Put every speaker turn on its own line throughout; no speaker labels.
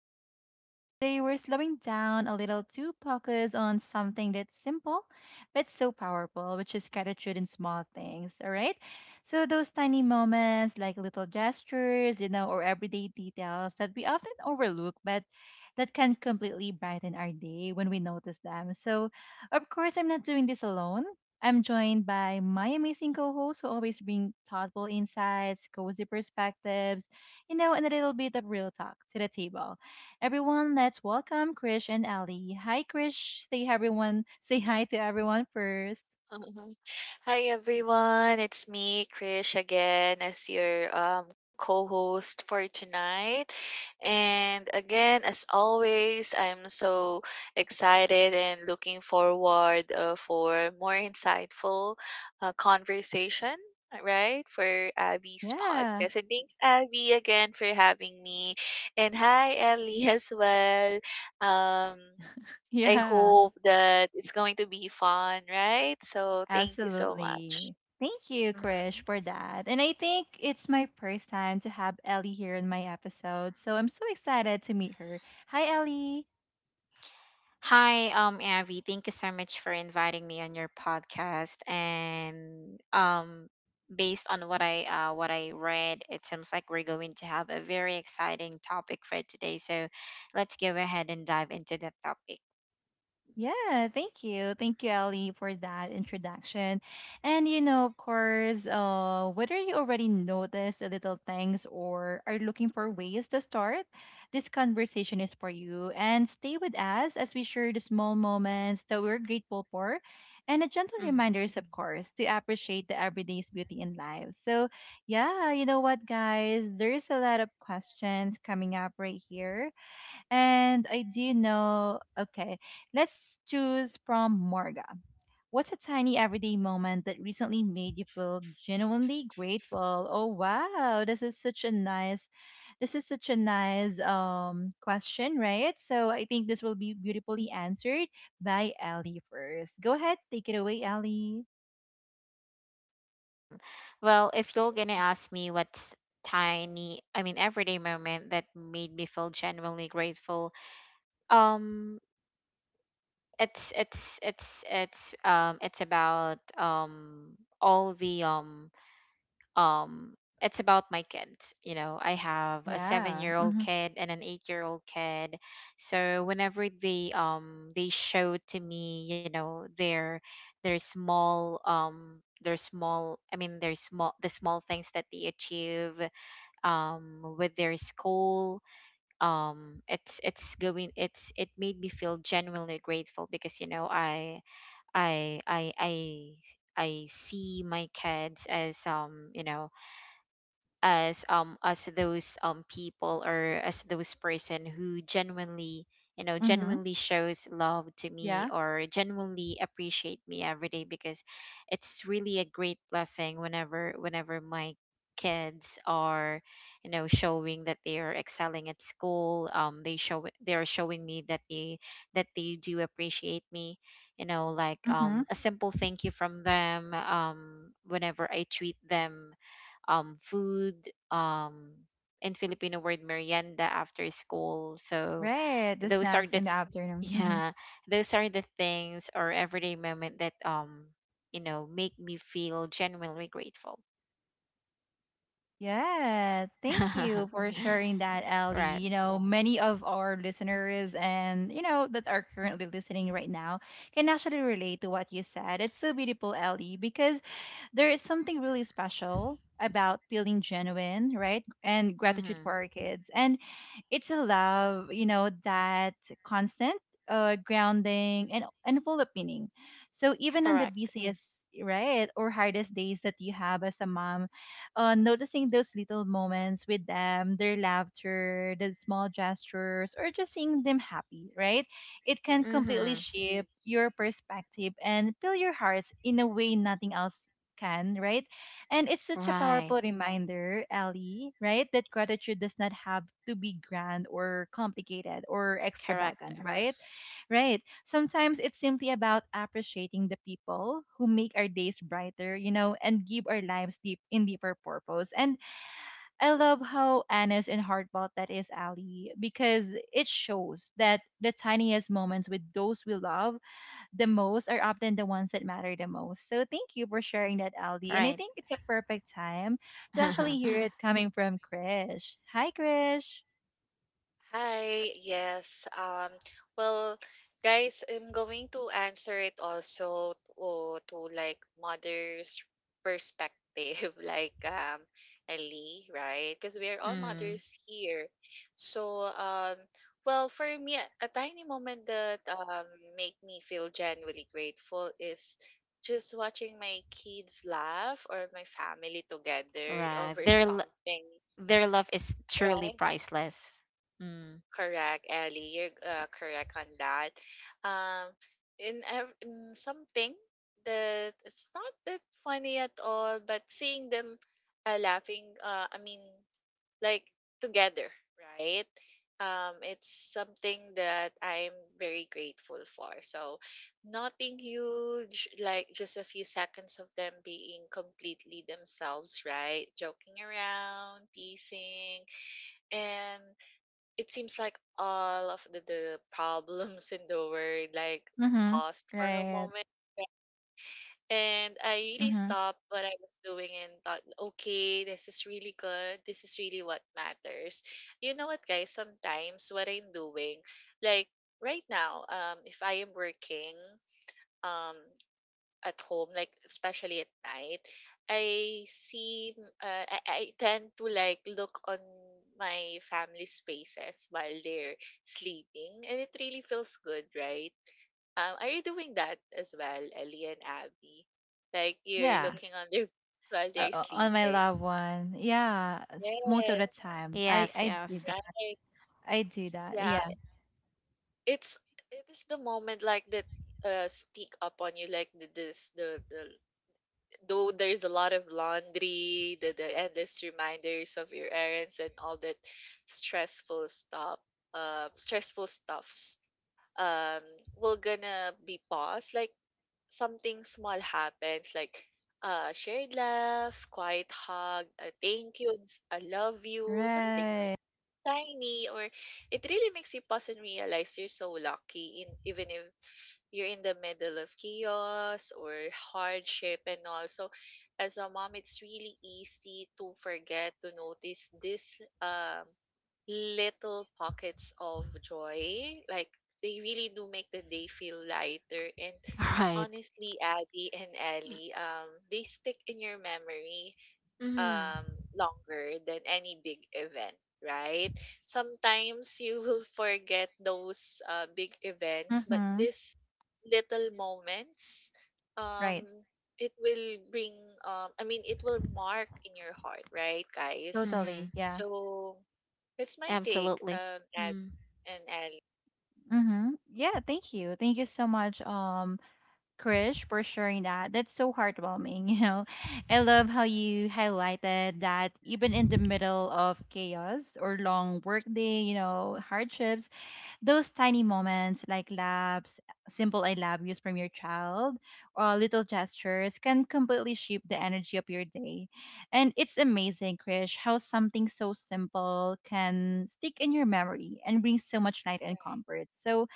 host Abby again. Today we're slowing down a little to focus on something that's simple but so powerful, which is gratitude in small things, all right? So those tiny moments like little gestures, or everyday details that we often overlook but that can completely brighten our day when we notice them. So, of course, I'm not doing this alone. I'm joined by my amazing co hosts who always bring thoughtful insights, cozy perspectives, and a little bit of real talk to the table. Everyone, let's welcome Krish and Ali. Hi, Krish. Say everyone. Say hi to everyone first.
Mhm. Hi everyone, it's me, Krish, again as your co-host for tonight. And again, as always, I'm so excited and looking forward for more insightful conversation, right, for Abby's
Yeah,
podcast. And thanks, Abby, again for having me. And hi, Ellie, as well. Um, I
yeah,
hope that it's going to be fun, right? So thank you so much.
absolutely. Thank you,
hmm
Krish, for that. And I think it's my first time to have Ellie here in my episode, so I'm so excited to meet her. Hi, Ellie.
Hi, Abby. Thank you so much for inviting me on your podcast. And based on what I read, it seems like we're going to have a very exciting topic for today. So let's go ahead and dive into the topic.
Yeah, thank you. Thank you, Ellie, for that introduction. And you know, of course, whether you already noticed the little things or are looking for ways to start, this conversation is for you. And stay with us as we share the small moments that we're grateful for and the gentle
Mhm.
reminders, of course, to appreciate the everyday's beauty in life. So, yeah, you know what, guys, there's a lot of questions coming up right here and I do know, okay, let's choose from Morga. What's a tiny everyday moment that recently made you feel genuinely grateful? Oh wow, this is such a nice question, right? So I think this will be beautifully answered by Ali first. Go ahead, take it away, Ali.
Well, if you're gonna ask me what's tiny, I mean everyday moment that made me feel genuinely grateful, um, it's about all the um it's about my kids. I have a seven
Yeah.
year old
Mhm.
kid and an 8-year old kid. So whenever they show to me, their small, their small, I mean, their small, the small things that they achieve with their school. Um it's going it's it made me feel genuinely grateful because, i i i I see my kids as, you know, as, as those, people, or as those person who genuinely, you know,
Mhm.
genuinely shows love to me
Yeah.
or genuinely appreciate me every day, because it's really a great blessing whenever my kids are, you know, showing that they are excelling at school. They show, they are showing me that they, that they do appreciate me, you know, like,
Mhm.
a simple thank you from them, whenever I treat them food, um, in Filipino word merienda after school. So
Right. The
those are
snacks
the
in the
th-
afternoon. Mhm.
yeah, those are the things or everyday moment that, you know, make me feel genuinely grateful.
Yeah. Thank you for sharing that, Ellie.
Right.
You know, many of our listeners and you know that are currently listening right now can actually relate to what you said. It's so beautiful, Ellie, because there is something really special about feeling genuine, right? And gratitude for
Mhm.
our kids. And it's a love, you know, that constant grounding and full of meaning. So even on the
Correct.
busiest, right, or hardest days that you have as a mom, noticing those little moments with them, their laughter, the small gestures, or just seeing them happy, right? It can
Mhm.
completely shape your perspective and fill your hearts in a way nothing else can, right? And it's such a
Right.
powerful reminder, Ellie, right? That gratitude does not have to be grand or complicated or
Correct.
extravagant, right? Right. Sometimes it's simply about appreciating the people who make our days brighter, and give our lives deep in deeper purpose. And I love how honest and heartfelt that is, Ali, because it shows that the tiniest moments with those we love the most are often the ones that matter the most. So thank you for sharing that, Aldi. And I
Right.
think it's a perfect time to actually hear it coming from Krish. Hi, Krish.
Hi, yes. Well, guys, I'm going to answer it also to like mother's perspective, like Ellie, right? Because we are all
Mm.
mothers here. So, well, for me, a tiny moment that make me feel genuinely grateful is just watching my kids laugh or my family together
Right.
over
Their
something,
their love is truly
right?
priceless. Mm.
Correct, Ellie. You're correct on that. Um, in something that it's not that funny at all, but seeing them laughing, I mean, like together, right? It's something that I'm very grateful for. So, nothing huge, like just a few seconds of them being completely themselves, right? Joking around, teasing, and it seems like all of the problems in the world like
Mm-hmm.
paused for a
Right.
moment, and I really
Mm-hmm.
stopped what I was doing and thought, okay, this is really good, this is really what matters. You know what, guys, sometimes what I'm doing, like right now, if I am working um at home, like especially at night, I see I tend to like look on my family's faces while they're sleeping, and it really feels good, right? Are you doing that as well, Ellie and Abby? Like you're
Yeah.
looking on their faces while they're
On my
sleeping.
loved one. Yeah. Most of the
Yes,
time. I,
Yes,
I do
yes.
that.
right.
I do that.
Yeah,
Yeah.
it's it is the moment like that sneak up on you, like the, this the though there's a lot of laundry, the endless reminders of your errands and all that stressful stressful stuffs, um, will gonna be paused. Like something small happens, like a shared laugh, quiet hug, a thank you, and I love you, something like
Right.
tiny, or it really makes you pause and realize you're so lucky in, even if you're in the middle of chaos or hardship and all. So as a mom, it's really easy to forget to notice this little pockets of joy. Like they really do make the day feel lighter, and
Right.
honestly, Abby and Ellie, they stick in your memory
Mhm.
um, longer than any big event, right? Sometimes you will forget those big events, but
Mm-hmm.
these little moments, um,
Right.
it will bring, I mean, it will mark in your heart, right, guys?
Totally.
Mhm.
Yeah.
So that's my take,
Absolutely.
Abby
Mm.
and Ali.
Mm-hmm. Yeah. Thank you. Thank you so much, Krish, for sharing that. That's so heartwarming. You know, I love how you highlighted that even in the middle of chaos or long work day, you know, hardships, those tiny moments like laughs, simple I love yous from your child, or little gestures can completely shape the energy of your day. And it's amazing, Krish, how something so simple can stick in your memory and bring so much light and
Right.
comfort. So,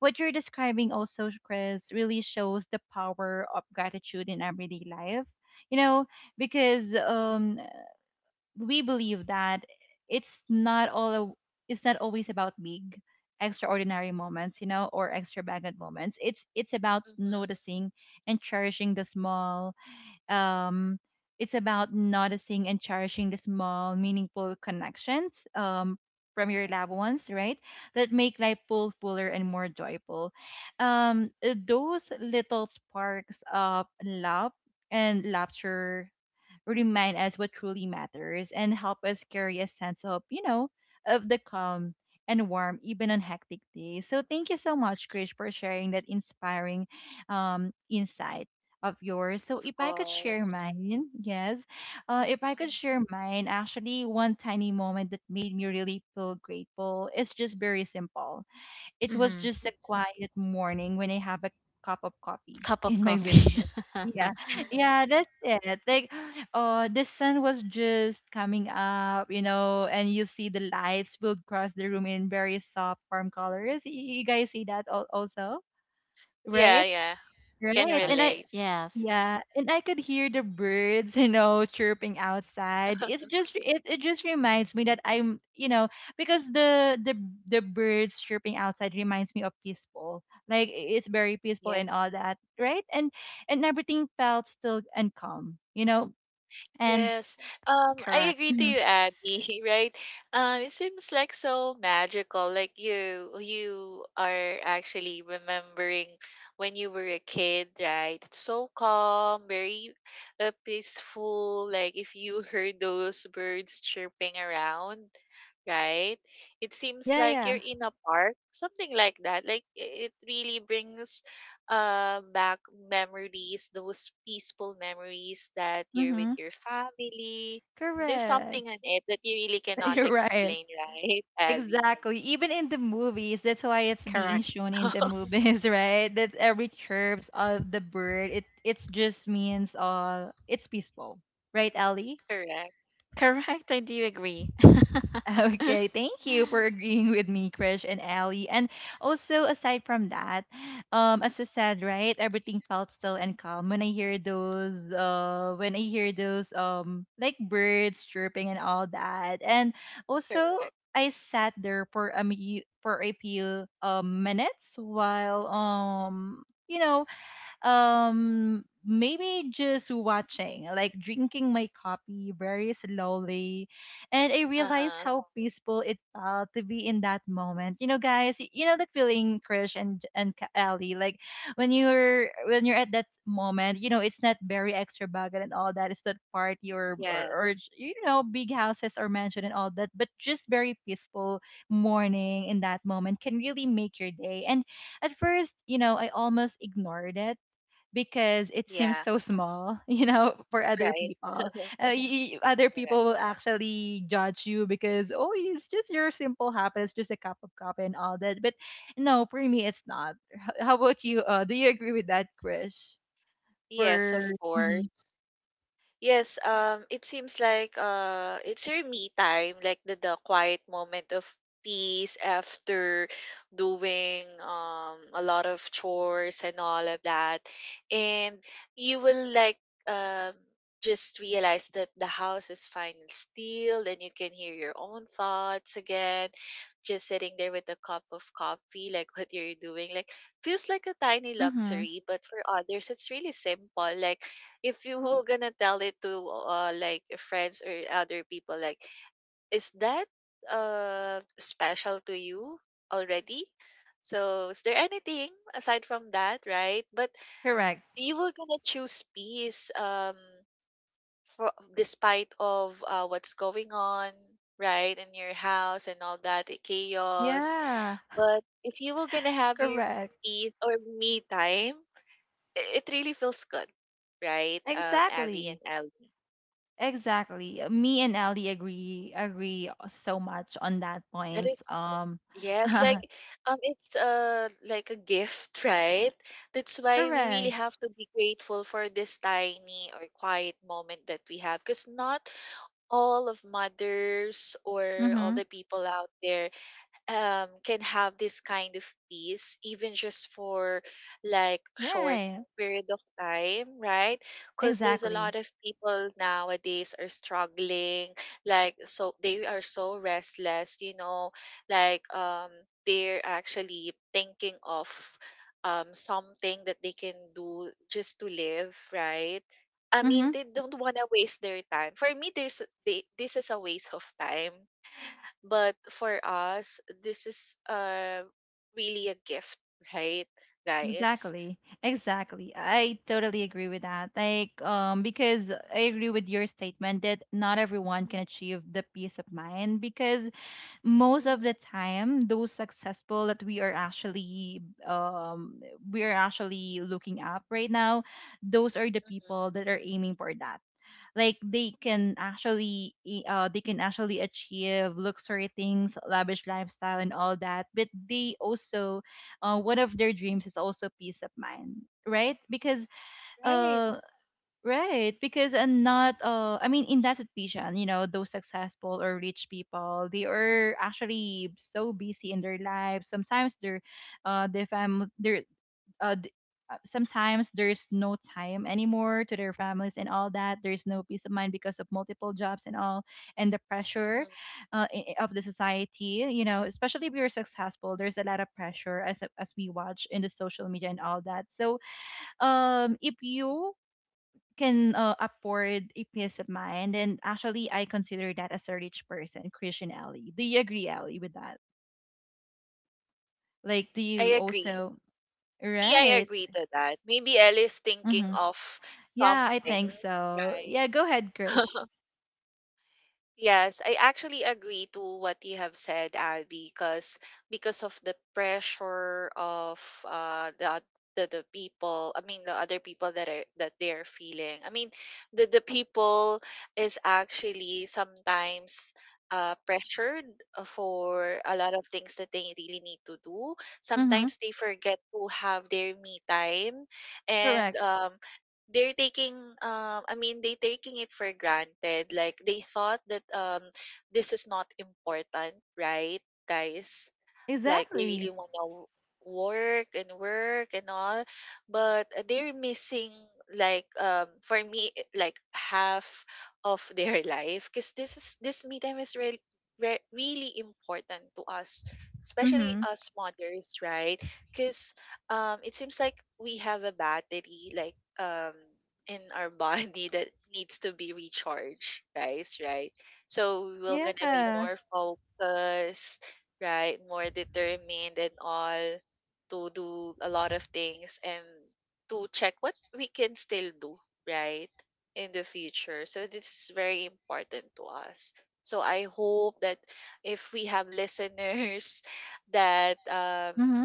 what you're describing also, Chris, really shows the power of gratitude in everyday life. You know, because we believe that it's not all a, it's not always about big, extraordinary moments, or extravagant moments. It's about
Mm-hmm.
noticing and cherishing the small, um, it's about noticing and cherishing the small, meaningful connections from your
Correct.
loved ones, right? That make life full, fuller, and more joyful. Those little sparks of love and laughter remind us what truly matters and help us carry a sense of, you know, of the calm and warm even on hectic days. So thank you so much, Krish, for sharing that inspiring insight of yours. So
Of
if I could share
course.
mine, yes, if I
Mm-hmm.
could share mine, actually, one tiny moment that made me really feel grateful. It's just very simple. It was
Mhm.
just a quiet morning when I have a cup of coffee
Cup of
in my
coffee.
window. Yeah, yeah, that's it. Like, oh, the sun was just coming up, you know, and you see the lights will cross the room in very soft warm colors. You guys see that also,
Yeah,
right?
yeah. Can
Right. And I
Yes.
relate.
Yes.
yeah, and I could hear the birds, you know, chirping outside. It's just it just reminds me that I'm, you know, because the birds chirping outside reminds me of peaceful. It's very peaceful and
Yes.
all that, right? And everything felt still and calm, you know. And
Yes. I
Correct.
agree to
Mhm.
you, Abby, right? It seems like so magical. Like you are actually remembering when you were a kid, right? It's so calm, very peaceful. Like if you heard those birds chirping around, right? It seems
yeah,
like
yeah.
you're in a park, something like that. It really brings back memories, those peaceful memories that you're with
Mhm.
your family. There's
Correct.
something in it that you really cannot
You're right.
explain, right, Abby?
Exactly. Even in the movies, that's why it's being
Correct.
shown in the movies, right? That every chirps of the bird, it's just means all it's peaceful, right, Ellie?
Correct,
Correct. I do agree.
Okay, thank you for agreeing with me, Krish and Ali. And also, aside from that, as I said, right, everything felt still and calm when I hear those, when I hear those, like birds chirping and all that. And also,
correct.
I sat there for a for a few minutes while. You know, maybe just watching like drinking my coffee very slowly and I
Uh
realized
huh.
how peaceful it felt to be in that moment, you know, guys, you know that feeling, Krish and and Ali, like when you're at that moment, you know, it's not very extravagant and all that, it's not party or
Yes.
you know, big houses or mansion and all that, but just very peaceful morning in that moment can really make your day. And at first, you know, I almost ignored it because it seems
Yeah.
so small, you know, for other
Right.
people. Other
Correct.
people will actually judge you because, oh, it's just your simple habit, it's just a cup of coffee and all that. But no, for me, it's not. How about you? Do you agree with that, Krish?
Yes, of
For hmm
course. Yes, it seems like it's your me time, like the quiet moment of peace after doing a lot of chores and all of that. And you will like um, just realize that the house is finally still. Then you can hear your own thoughts again. Just sitting there with a cup of coffee, like what you're doing, like feels like a tiny
hmm
luxury, but for others, it's really simple. Like if you were gonna tell it to like friends or other people, like is that special to you already? So is there anything aside from that, right? But
correct,
you were gonna choose peace, um, for, despite of what's going on right in your house and all that, chaos.
yeah,
But if you were gonna have your
correct,
peace or me time, it really feels good, right, um, Abby and
exactly.
Ellie?
Exactly. Me and Ali agree so much on that
That
point.
is yes, like it's like a gift, right? That's why we really
Correct.
have to be grateful for this tiny or quiet moment that we have, because not all of mothers or all
Mm-hmm.
the people out there can have this kind of peace, even just for like short
Right.
period of time, right? Because there's a lot
Exactly.
of people nowadays are struggling, like so they are so restless, you know, like they're actually thinking of something that they can do just to live, right? I
Mm-hmm.
mean, they don't want to waste their time. For me, there's they, this is a waste of time, but for us, this is really a gift, right, guys?
Exactly. Exactly. I totally agree with that. Like, because I agree with your statement that not everyone
Mm,
can achieve the peace of mind because most of
mm,
the time, those successful that um, we are actually looking up right now, those are the
mhm.
people that are aiming for that. Like they can actually they can actually achieve luxury things, lavish lifestyle and all that, but they also, one of their dreams is also peace of mind, right? Because
Right.
uh, right, because and not I mean, in that situation, you know, those successful or rich people, they are actually so busy in their lives, sometimes their uh their fam their uh, d- sometimes there's no time anymore to their families and all that, there's no peace of mind because of multiple jobs and all, and the pressure
Mhm.
of the society, you know, especially if you're successful, there's a lot of pressure as we watch in the social media and all that. So if you can afford a peace of mind, and actually I consider that as a rich person, Christian, Ali, do you agree, Ali, with that? Like, do
I
you
agree.
also
Me, I
right?
agree to that. Maybe Elle is thinking
Mm-hmm.
of
Yeah, I
something,
think so.
right?
Yeah, go ahead, Krish.
Yes, I actually agree to what you have said, Abby, because of the pressure of uh the oth- the people, I mean the other people that are that they're feeling. I mean the people is actually sometimes pressured for a lot of things that they really need to do.
Mm-hmm.
Sometimes they forget to have their me time, and
Correct.
um, they're taking um, I mean, they taking it for granted, like they thought that um, this is not important, right, guys? Like they really
Exactly.
want to work and work and all, but they're missing, like um, for me like half of their life, because this is this me time is really really important to us, especially
Mm-hmm.
us mothers, right? Because um, it seems like we have a battery, like um, in our body that needs to be recharged, guys, right? So we're gonna be
Yeah.
more focused, right? More determined and all, to do a lot of things, and to check what we can still do, right? In the future. So this is very important to us. So I hope that if we have listeners that
Mm-hmm.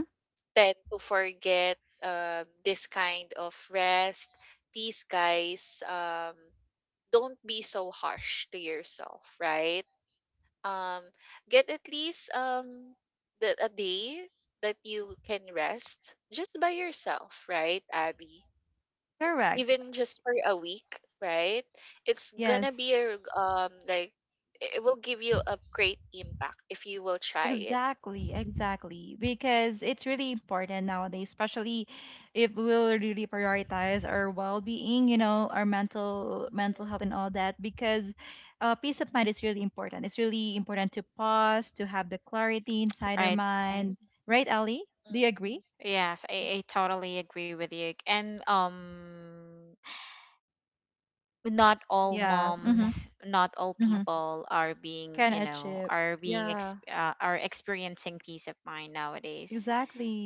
tend to forget this kind of rest, these guys, don't be so harsh to yourself, right? Um, get at least um, a day that you can rest just by yourself, right, Abby?
Correct.
Even just for a week, right? It's gonna
Yes.
be a um, like it will give you a great impact if you will try it.
Exactly. Exactly. Because it's really important nowadays, especially if we'll really prioritize our well-being, you know, our mental
Mhm,
health and all that. Because peace of mind is really important. It's really important to pause, to have the clarity inside our Right.
Right.
mhm,
mind. Right, Ali? Do
mhm,
you agree?
Yes, I totally agree with you. And not
Yes,
all
mhm.
Yeah. I Mm-hmm.
moms, not all
agree. Mm-hmm.
people are being,
Can
you know,
achieve,
are being
Yeah,
are experiencing peace of mind nowadays.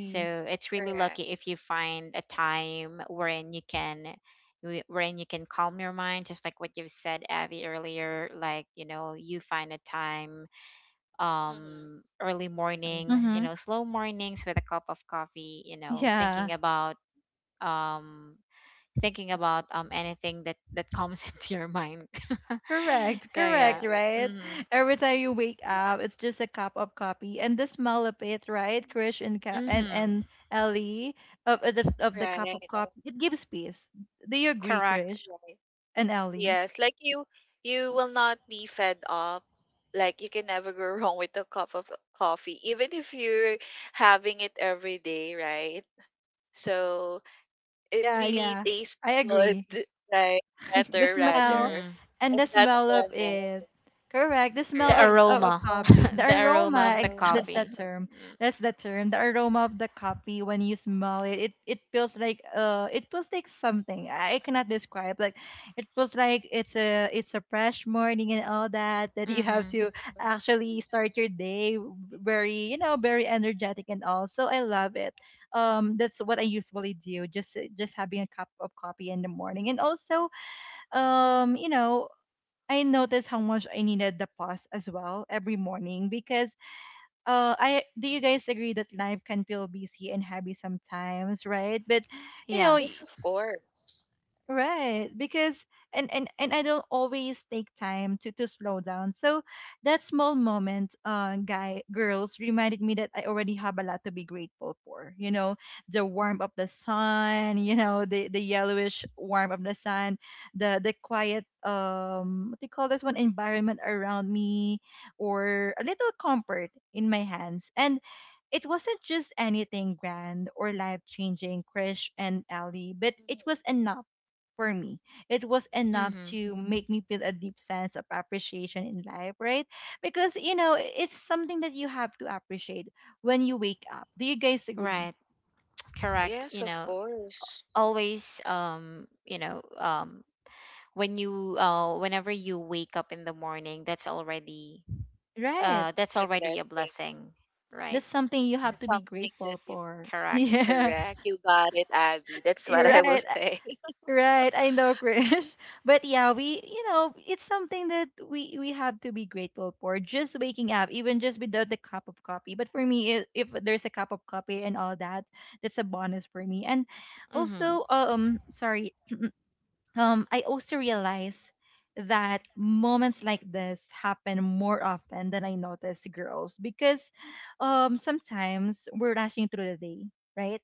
So
Mhm.
it's really
Correct.
lucky if you find a time wherein you can, wherein you can calm your mind, just like what you've said, Abby, earlier, like, you know, you find a time,
Mm-hmm.
early mornings, you
Mm-hmm.
know, slow mornings with a cup of coffee, you know,
Yeah.
thinking about, um thinking about, anything that comes into your mind.
Correct,
So
correct,
yeah.
Correct.
right?
Mhm.
Every time you wake
Yeah.
up, it's just a cup of coffee and the smell of it, right? Krish and
Mhm.
and Ellie, of the cup of Yes.
Right.
coffee, it gives peace. Do you agree,
Correct.
Krish
Right.
and Ellie?
Yes, like you will not be fed up. Like you can never go wrong with a cup of coffee, even if you're having it every day, right? So it
Yeah,
really
yeah,
tastes
I
good,
agree.
right?
the
Better,
smell
rather,
Mhm.
and
at
the
that
smell of
moment,
it. Correct. The smell
The
correct?
of a Aroma.
aroma,
Copy. The
the aroma
aroma,
of the
that's the
coffee.
term.
Mm.
That's the term. The aroma of the copy when you smell it, it, it feels like something. I cannot describe. It feels like it's a fresh morning and all that you have
Mm-hmm.
to
Mhm,
actually start your day very, very energetic and all. So I love it. That's what I
mhm.
usually do, just having a cup of coffee in the morning. And also um, you know, I noticed how much I needed the pause as well every morning because I do. You guys agree that life can feel busy and heavy sometimes, right? But you know,
Yes,
Yes.
of course.
right, because and I don't always take time to slow down. So that small moment, guy girls reminded me that I already have a lot to be grateful for. You know, the warmth of the sun. You know, the yellowish warmth of the sun, the quiet, what do you call this one environment around me, or a little comfort in my hands and. It wasn't just anything grand or life changing, Krish and Ali, but it was
Mhm.
enough for me. It was enough
Mm-hmm.
to make me feel a deep sense of appreciation in life, right? Because, you know, it's something that you have to appreciate when you wake up. Do you guys agree?
Right. Correct.
Yes,
You
of
know,
course.
always, you know, when you, whenever you wake up in the morning, that's already,
Right.
that's
The
already a
blessing.
blessing, right?
That's something you have
That's
to be
something that
grateful
you
for.
Correct.
Yeah,
correct. You got it, Abby. That's what
you're
I will
right.
say.
Right, I know, Chris. But yeah, we, it's something that we have to be grateful for. Just waking up, even just without the cup of coffee. But for me, if there's a cup of coffee and all that, that's a bonus for me. And
Mm-hmm.
also, sorry. I also realize that moments like this happen more often than I notice, girls, because sometimes we're rushing through the day, right?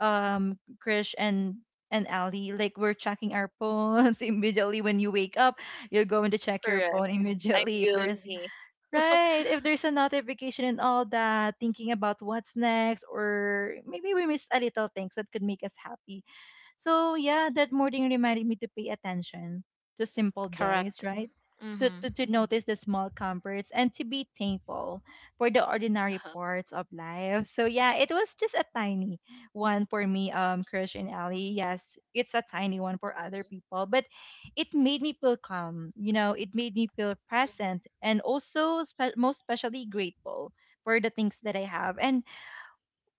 Um, Krish and Ali, like we're checking our phones immediately. When you wake up, you're going to check your
Correct.
phone
I'm
immediately if there's,
guilty.
right, if there's a notification and all that, thinking about what's next, or maybe we missed a little things that could make us happy. So yeah, that morning reminded me to pay attention to simple joys,
Correct.
right? To,
Mm-hmm.
to notice the small comforts and to be thankful for the ordinary parts of life. So yeah, it was just a tiny one for me, Krish and Ali. Yes, it's a tiny one for other
Mhm,
people, but it made me feel calm. You know, it made me feel
mhm.
present and also most especially grateful for the things that I have. And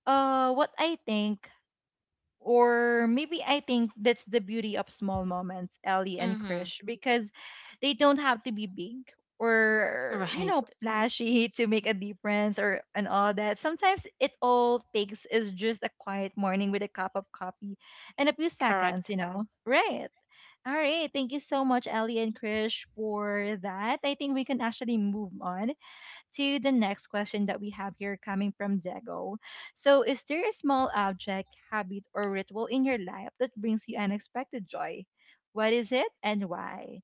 what I think, or maybe I think that's the beauty of small moments, Ellie and
Mm-hmm.
Krish, because they don't have to be big or, you
Right.
know, flashy to make a difference or and all that. Sometimes it all takes is just a quiet morning with a cup of coffee and a few seconds,
Correct.
you know. Right. All right. Thank you so much, Ellie and Krish, for that. I think we can actually move on to the next question that we have here coming from Diego. So, is there a small object, habit, or ritual in your life that brings you unexpected joy? What is it and why?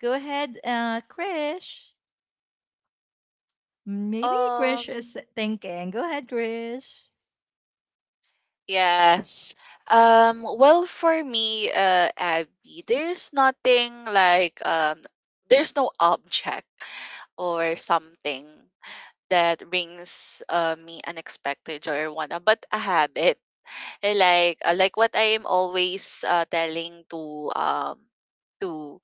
Go ahead, Krish. Maybe Krish
Um,
is thinking. Go ahead, Krish.
yes. Well, for me, Abby, there's nothing like there's no object or something that brings me unexpected joy or whatnot, but a habit. Eh, like like what I am always telling to um, to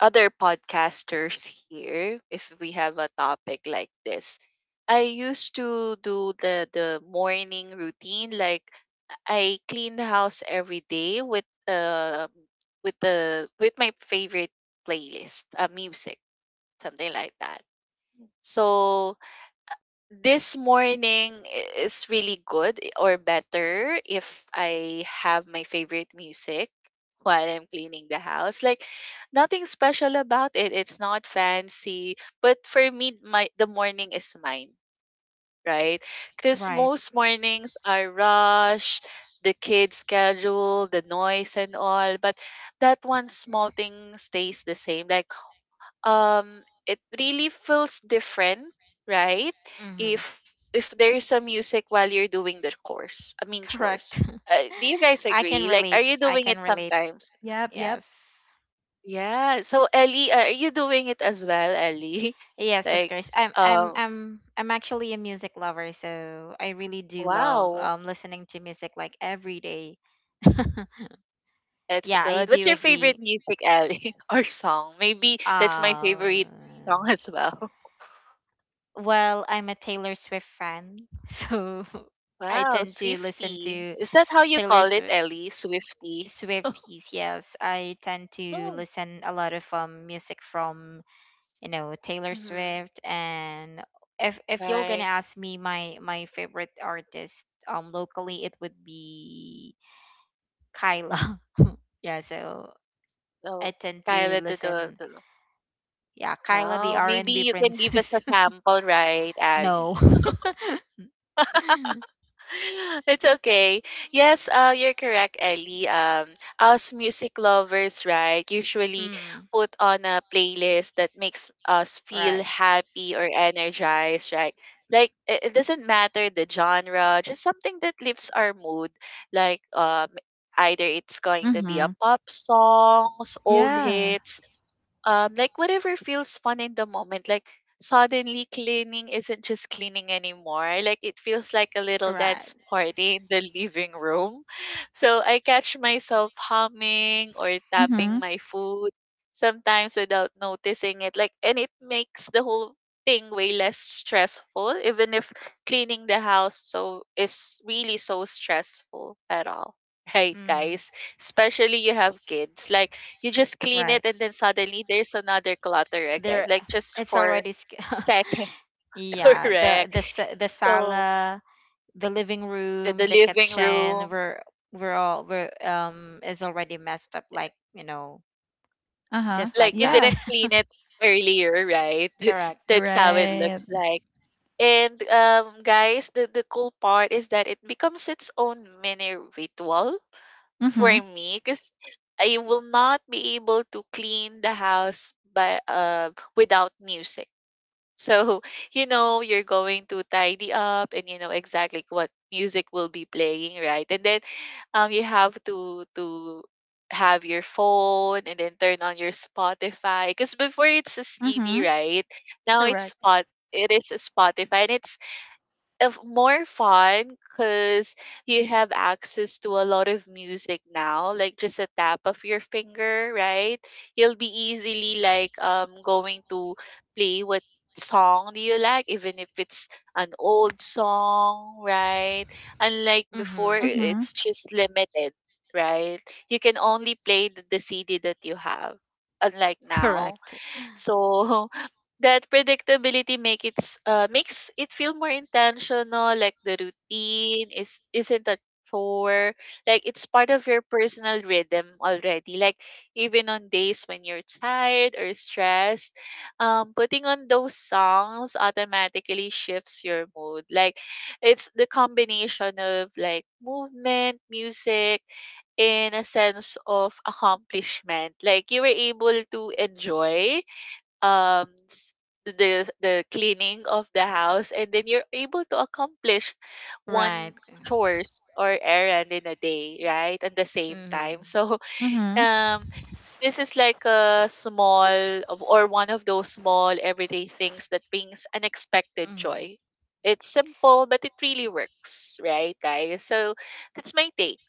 other podcasters here if we have a topic like this. I used to do the morning routine, like I clean the house every day with the with my favorite playlist, music, something like that. So this morning is really good, or better if I have my favorite music while I'm cleaning the house. Like nothing special about it. It's not fancy, but for me, my the morning is mine, right? Because
Right.
most mornings are rush, the kids' schedule, the noise and all. But that one small thing stays the same. Like um, it really feels different, right?
Mm-hmm.
if if there is some music while you're doing the course I mean chores,
Correct.
do you guys
I can
agree? Like are
relate.
you
I
doing
can
it
relate.
sometimes?
Yep, yep.
Yes.
Yeah, so Ellie, are you doing it as well, Ellie,
Yes, of
like
course. I'm I'm
um,
I'm I'm actually a music lover, so I really do love,
wow,
listening to music like every day.
that's
Yeah, I
good. What's
do
your favorite
agree.
music, Ellie, or song? Maybe that's my
Uh,
favorite song as well.
well, I'm a Taylor Swift fan, so I
Wow,
tend to listen
Swifty,
to
is that how you
Taylor
call it,
Swift.
Ellie? Swifty?
Swifties. Yes, I tend to
No.
listen a lot of, music from, you know, Taylor
Mm-hmm.
Swift. And if you're gonna
Right.
ask me my favorite artist, locally, it would be Kyla. Yeah, so I
Oh,
tend
Kaya
to
the Del,
listen. Yeah, Kyla the
wow, maybe
R&B
you can give us a
princess.
sample, right,
No.
Abby? It's okay. Yes, you're correct, Ellie. Us music lovers, right, usually
Mm.
put on a playlist that makes us feel
Right.
happy or energized, right? Like it doesn't matter the genre, just something that lifts our mood. Like um, either it's going to be a
Mm-hmm.
pop songs, old
Mhm.
Yeah.
hits, like whatever feels fun in the moment, like suddenly cleaning isn't just cleaning anymore, like it feels like a little
Right.
dance party in the living room. So I catch myself humming or tapping
Mm-hmm.
my food sometimes without noticing it, like, and it makes the whole thing way less stressful, even if cleaning the house so is really so stressful at all. Right,
Mhm.
guys? Especially you have kids, like you just clean
Right.
it and then suddenly there's another clutter again,
There.
like just
It's
for
already,
second.
yeah, the
Correct.
the sa- the
So
Sala, the living
the,
room,
the
the
living
kitchen,
room,
we're is already messed up, like, you know,
Uh-huh.
just like
like you
that.
Yeah.
didn't clean it earlier, right?
Correct.
That's how it
Right.
looked like. And guys, the cool part is that it becomes its own mini ritual for
Mm-hmm.
me because I will not be able to clean the house by without music. So, you know, you're going to tidy up and you know exactly what music will be playing, right? And then you have to have your phone and then turn on your Spotify, because before it's a CD,
Mm-hmm.
right? Now it's
Correct.
spot it is a Spotify, and it's of more fun because you have access to a lot of music now, like just a tap of your finger, right? You'll be easily like going to play what song do you like, even if it's an old song, right? Unlike
Mhm.
before,
Mm-hmm.
it's just limited, right? You can only play the CD that you have. Unlike now,
Correct.
so that predictability make makes it feel more intentional. Like the routine is isn't a chore. Like it's part of your personal rhythm already. Like even on days when you're tired or stressed, putting on those songs automatically shifts your mood. Like it's the combination of like movement, music, in a sense of accomplishment. Like you were able to enjoy um s- the cleaning of the house, and then you're able to accomplish one
Right.
chores or errand in a day, right, at the same time.
Mhm.
So
Mm-hmm.
um this is like a small of, or one of those small everyday things that brings unexpected
Mhm.
joy. It's simple but it really works, right, guys? So that's my take,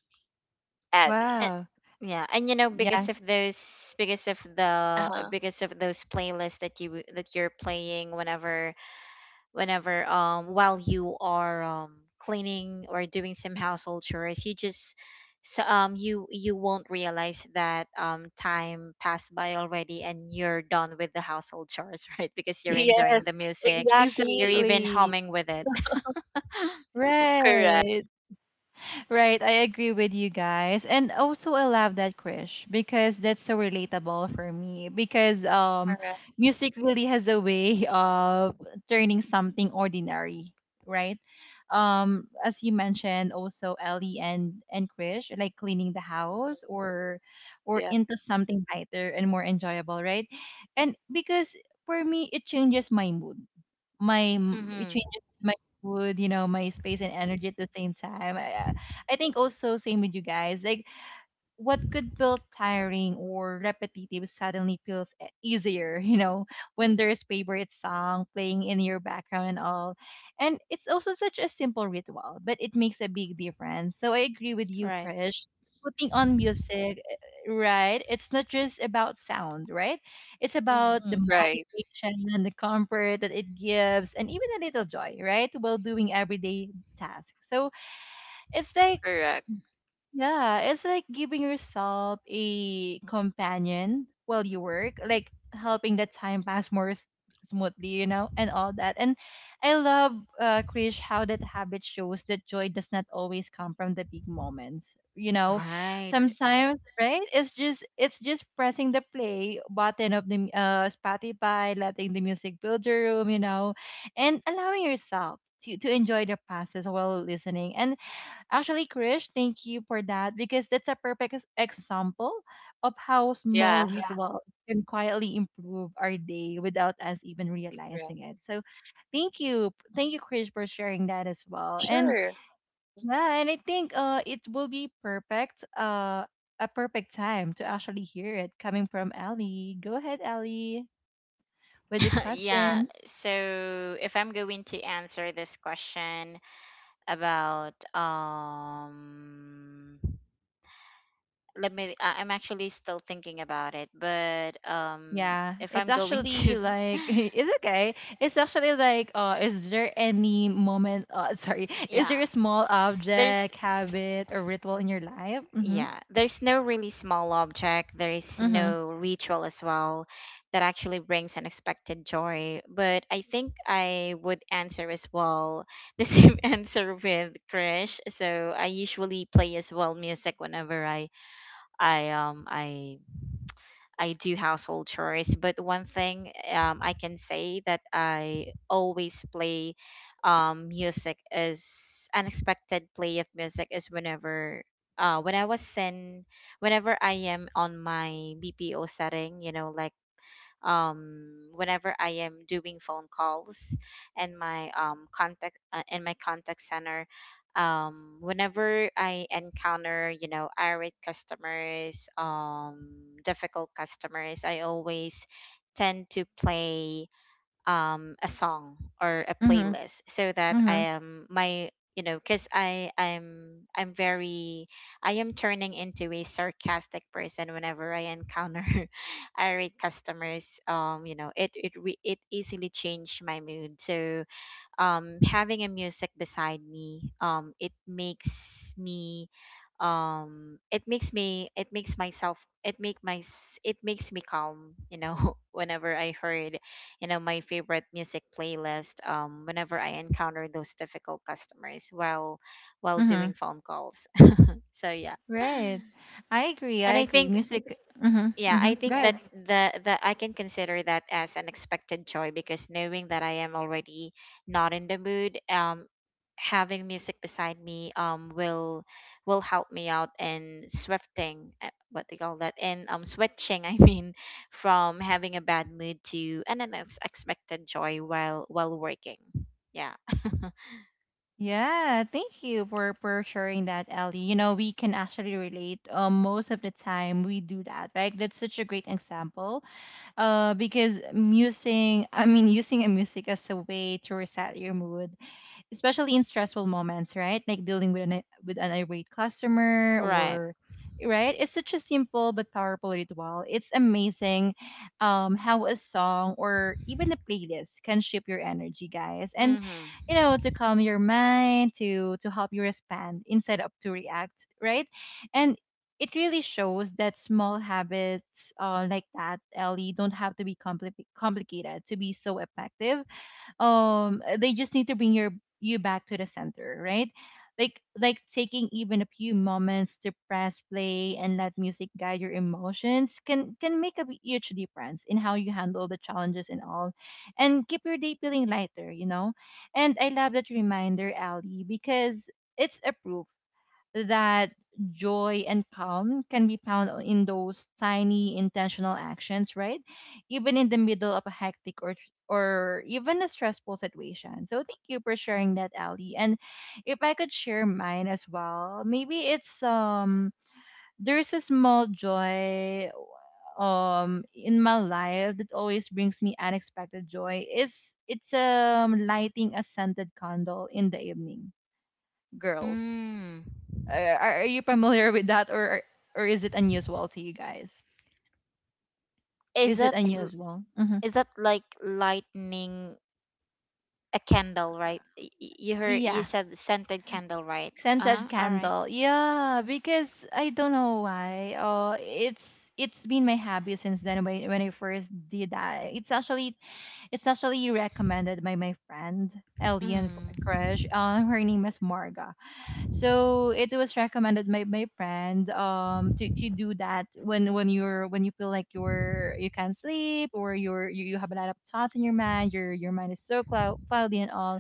abby.
And
Wow.
yeah, and, you know,
Yeah.
because of those, because of the,
Uh-huh.
because of those playlists that you, that you're playing whenever, while you are, cleaning or doing some household chores, you just. So, you won't realize that, time passed by already and you're done with the household chores right, because you're enjoying
Yes,
the music. You're
exactly.
even
Exactly.
humming with it.
Correct.
Right. Right. I agree with you guys. And also I love that, Krish, because that's so relatable for me because
Correct.
music really has a way of turning something ordinary, right? As you mentioned also, Ellie and Krish, like cleaning the
Mhm.
house or
Yeah.
into something lighter and more enjoyable, right? And because for me, it changes my mood, it
Mhm.
changes my mood, you know, my space and energy at the same time. I think also same with you guys. Like what could feel tiring or repetitive suddenly feels easier, you know, when there's favorite song playing in your background and all. And it's also such a simple ritual, but it makes a big difference. So I agree with you,
Right.
Krish. Putting on music, right? It's not just about sound, right? It's
Mhm.
about the
Mhm. Right.
motivation and the comfort that it gives, and even a little joy, right? While doing everyday tasks. So it's like,
Correct.
yeah, it's like giving yourself a companion while you work, like helping the time pass more smoothly, you know, and all that. And I love, Krish, how that habit shows that joy does not always come from the big moments. You know,
Right.
sometimes, right? It's just pressing the play button of the Spotify, letting the music build your room, you know, and allowing yourself to enjoy the process while listening. And actually, Krish, thank you for that, because that's a perfect example of how small,
Yeah,
yeah, rituals can quietly improve our day without us even
correct.
realizing it. So, thank you, Krish, for sharing that as well. And
Sure. Mm.
yeah, and I think it will be perfect, a perfect time to actually hear it coming from Ali. Go ahead, Ali, with the
Yeah.
question.
So if I'm going to answer this question about, let me. I'm actually still thinking about it, but,
Yeah,
if
it's
I'm going
actually
to,
like it's okay. It's actually like, is there any moment, sorry,
yeah,
is there a small
there's.
object, habit or ritual in your life? Mhm.
Yeah, there's no really small object, there is
Mhm.
no ritual as well, that actually brings unexpected joy. But I think I would answer as well the same answer with Crash. So I usually play as well music whenever I i do household chores. But one thing, I can say that I always play, music is unexpected play of music is whenever, uh, when I was in whenever I am on my BPO setting, you know, like, whenever I am doing phone calls and, my contact, in my contact center. Whenever I encounter, you know, irate customers, difficult customers, I always tend to play, a song or a
Mhm.
playlist so that
Mhm.
I am my, you know, because I'm very. I am turning into a sarcastic person whenever I encounter irate customers. You know it it easily changed my mood. So, having a music beside me, it makes me, it makes me it makes myself it make my s- it makes me calm, you know. Whenever I heard, you know, my favorite music playlist, whenever I encounter those difficult customers while
Mhm.
doing phone calls. So yeah.
Right. I agree. I
And I
agree.
think,
Music. Mhm.
yeah, I
Mhm.
think that
Good.
the that I can consider that as an expected joy because, knowing that I am already not in the mood, having music beside me, will help me out in swifting, what they call that, and, switching, I mean, from having a bad mood to an unexpected joy while working. Yeah.
Yeah, thank you for sharing that, Ellie. You know, we can actually relate. Most of the time we do that, right? That's such a great example, because musing, I mean, using a music as a way to reset your mood, especially in stressful moments, right? Like dealing with an, irate customer
Right.
or right? It's such a simple but powerful ritual. It's amazing how a song or even a playlist can shape your energy, guys. And
Mm-hmm.
you know, to calm your mind, to help you respond instead of to react, right? And it really shows that small habits, like that, Ellie, don't have to be complicated to be so effective, they just need to bring you back to the center, right? Like, taking even a few moments to press play and let music guide your emotions can make a huge difference in how you handle the challenges and all, and keep your day feeling lighter, you know. And I love that reminder, Ali, because it's a proof that joy and calm can be found in those tiny intentional actions, right? Even in the middle of a hectic or even a stressful situation. So thank you for sharing that, Ali. And if I could share mine as well, maybe it's there's a small joy in my life that always brings me unexpected joy is it's lighting a scented candle in the evening, girls.
Mm.
Are you familiar with that, or is it unusual to you guys?
Is
Is it
that,
unusual? Hmm.
is that like lightning a candle, right? You heard, you
Yeah,
said scented candle, right? Uh
scented
huh. All right.
candle. Yeah, because I don't know why. Oh, it's been my hobby since then. When I first did that, it's actually recommended by my friend Elian
Mm.
Crush. Her name is Marga. So it was recommended by my friend to, do that when you're when you feel like you're you can't sleep or you're you have a lot of thoughts in your mind, your mind is so cloudy and all.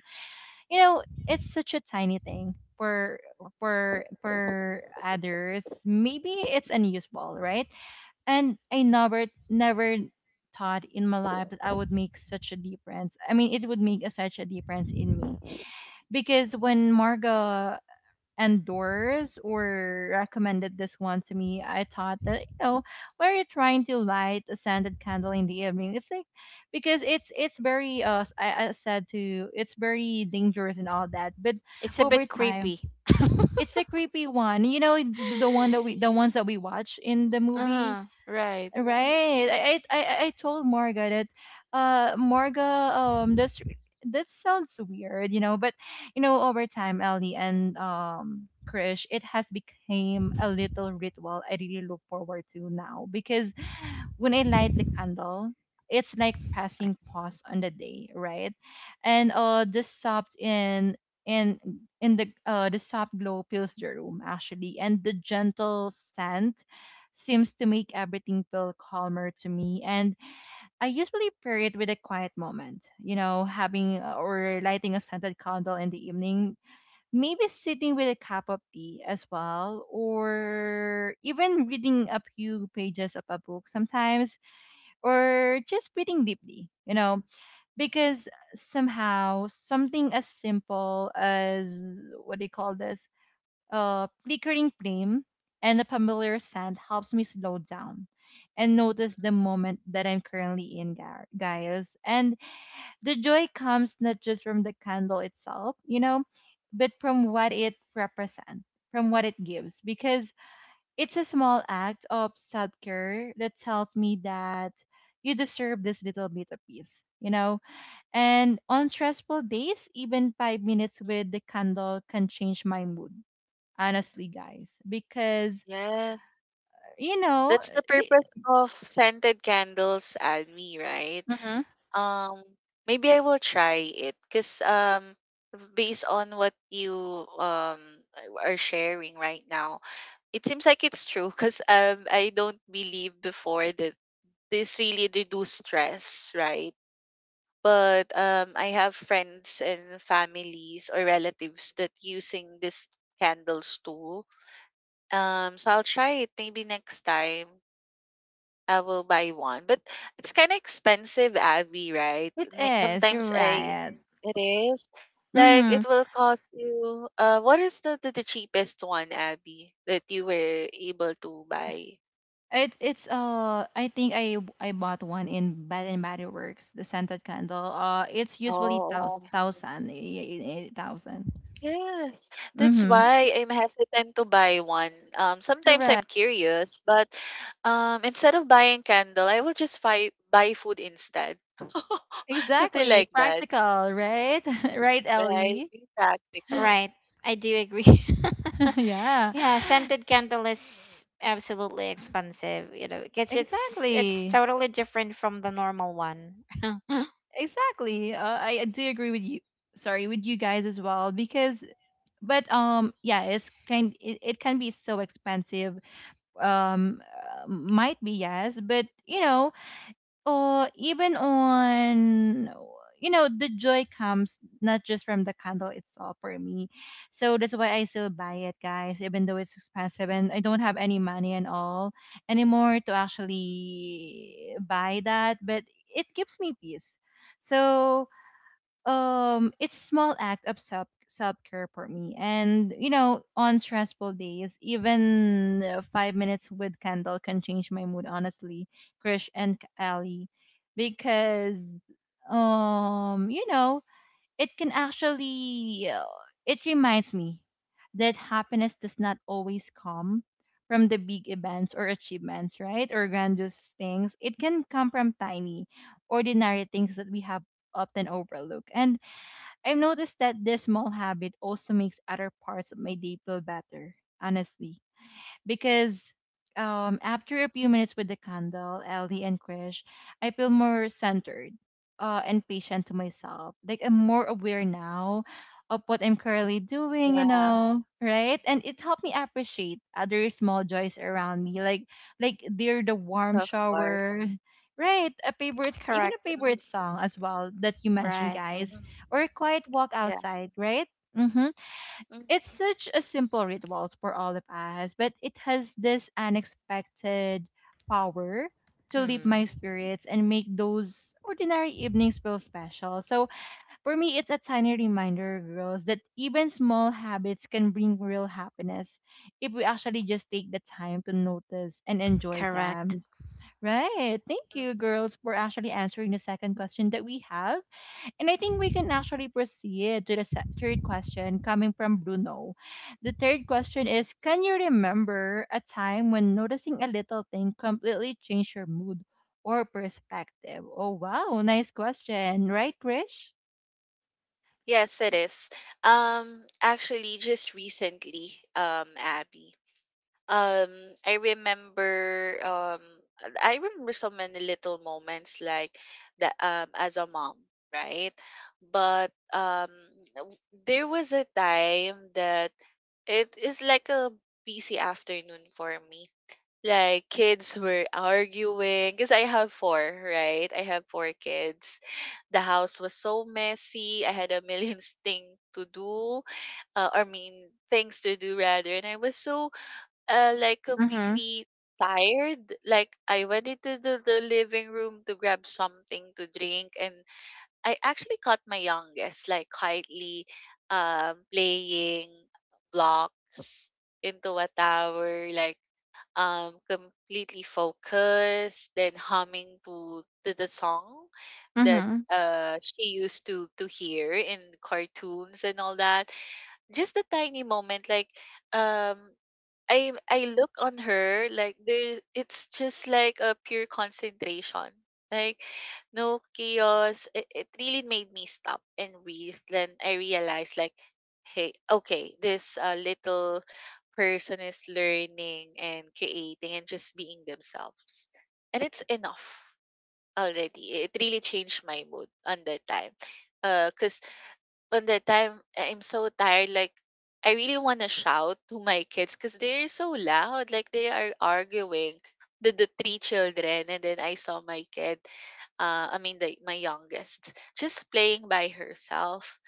You know, it's such a tiny thing for others, maybe it's unusable, right? And I never thought in my life that I would make such a difference, I mean it would make a, such a difference in me, because when Margo endorsed or recommended this one to me, I thought that, you know, why are you trying to light a scented candle in the evening? It's like because it's very I said to it's very dangerous and all that. But
It's a
over
bit
time,
creepy.
it's a creepy one. You know, the one that we the ones that we watch in the
Uh
movie.
huh. Right.
Right. I told Morga that Morga that's that sounds weird, you know, but you know, over time, Ellie and Krish, it has become a little ritual I really look forward to now because when I light the candle, it's like passing pause on the day, right? And the soft in in the soft glow fills the room actually, and the gentle scent seems to make everything feel calmer to me. And I usually pair it with a quiet moment, you know, having or lighting a scented candle in the evening, maybe sitting with a cup of tea as well, or even reading a few pages of a book sometimes or just breathing deeply, because somehow something as simple as what do you call this? Flickering flame and a familiar scent helps me slow down and notice the moment that I'm currently in, guys. And the joy comes not just from the candle itself, but from what it represents, from what it gives, because it's a small act of self care that tells me that you deserve this little bit of peace, you know? And on stressful days, even 5 minutes with the candle can change my mood, honestly, guys. Because,
Yes.
you know,
That's the
the,
purpose of scented candles, Admi, right?
mhm,
Um, Maybe I will try it because, based on what you um are sharing right now, it seems like it's true, because I don't believe before that this really reduce stress, right? But I have friends and families or relatives that using these candles too. So I'll try it maybe next time. I will buy one. But it's kind of expensive, Abby, right?
it
May-
is, you're
Sometimes I,
right.
it is. Like
Mm-hmm.
it will cost you what is the cheapest one, Abby, that you were able to buy?
It's I think I bought one in Bath and Body Works, the scented candle. It's usually
Oh,
thous- Oh, thousand thousand eh, eh, eh, thousand
yes. That's
Mm-hmm.
why I'm hesitant to buy one. Sometimes
Correct.
I'm curious, but instead of buying candle, I will just buy food instead. Something
Exactly.
like that.
Practical, right? Right,
Right,
Ellie?
be practical.
Right. I do agree.
Yeah.
Yeah, scented candle is absolutely expensive. You know, because it's
Exactly.
totally different from the normal one.
Exactly. I do agree with you. Sorry, with you guys as well, because but yeah, it can be so expensive. Um might be yes, but or even on the joy comes not just from the candle itself for me, so that's why I still buy it, guys, even though it's expensive and I don't have any money and all anymore to actually buy that. But it gives me peace. So it's a small act of self care for me. And on stressful days, even 5 minutes with candle can change my mood, honestly, Krish and Ali, because um you know it can actually, it reminds me that happiness does not always come from the big events or achievements, right, or grandiose things. It can come from tiny ordinary things that we have often overlook. And I've noticed that this small habit also makes other parts of my day feel better, honestly, because after a few minutes with the candle, Ellie and Krish, I feel more centered and patient to myself. Like I'm more aware now of what I'm currently doing, you
Yeah,
know, right? And it helped me appreciate other small joys around me, like they're the warm
of
shower.
course.
Right, a favorite, even a
Correct.
favorite
Mhm,
song as well that you mentioned,
Right.
guys,
mhm.
or a quiet walk
Yeah.
outside, right? Mm-hmm.
Mhm,
It's such a simple ritual for all of us, but it has this unexpected power to lift
Mm.
my spirits and make those ordinary evenings feel special. So for me, it's a tiny reminder, girls, that even small habits can bring real happiness if we actually just take the time to notice and enjoy
Correct.
them. Right. Thank
mhm.
you, girls, for actually answering the second question that we have. And I think we can actually proceed to the third question coming from Bruno. The third question is, can you remember a time when noticing a little thing completely changed your mood or perspective? Oh, wow. Nice question. Right, Krish?
Yes, it is. Actually, just recently, Abby, um, I remember, um, I remember so many little moments like that, as a mom, right? But w- there was a time that it is like a busy afternoon for me, like kids were arguing because I have four, right? I have four kids. The house was so messy. I had a million thing to do, I mean things to do rather, and I was so like
Mm-hmm.
completely tired. Like I went into the living room to grab something to drink, and I actually caught my youngest like quietly playing blocks into a tower, like completely focused, then humming to the song that
Mm-hmm.
she used to hear in cartoons and all that. Just a tiny moment, like um I look on her, like there it's just like a pure concentration. Like no chaos. It really made me stop and breathe. Then I realized like, hey, okay, this little person is learning and creating and just being themselves. And it's enough already. It really changed my mood on that time. Because on that time I'm so tired. Like I really want to shout to my kids because they're so loud. Like they are arguing the three children, and then I saw my kid. I mean the my youngest just playing by herself.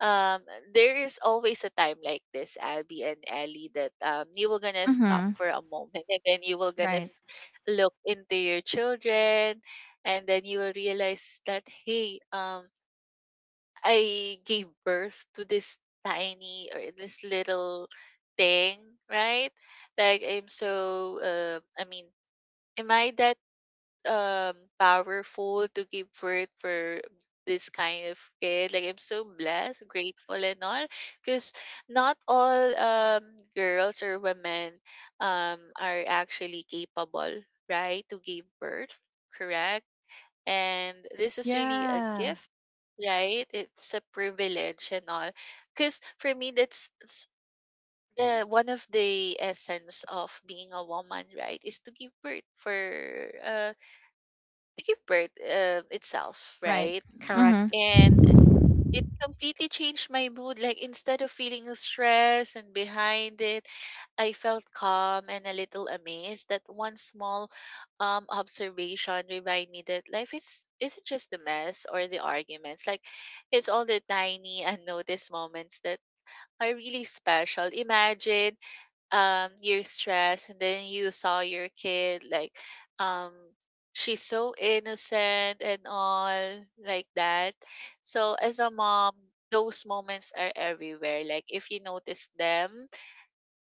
Um, there is always a time like this, Abby and Ellie, that you will gonna stop
Mm-hmm.
for a moment, and then you will
Right.
look into your children, and then you will realize that hey, I gave birth to this tiny or this little thing, right? Like I'm so I mean, am I that powerful to give birth for this kind of kid? Like I'm so blessed, grateful and all, because not all girls or women are actually capable, right, to give birth, correct? And this is really a
Yeah.
gift, right, it's a privilege and all, because for me the one of the essence of being a woman, right, is to give birth for uh to give birth itself,
Right.
right.
Mm-hmm.
Correct.
And it completely changed my mood. Like instead of feeling stressed and behind it, I felt calm and a little amazed that one small observation reminded me that life is isn't just the mess or the arguments. Like it's all the tiny unnoticed moments that are really special. Imagine you're stressed and then you saw your kid like um she's so innocent and all like that. So as a mom, those moments are everywhere. Like if you notice them,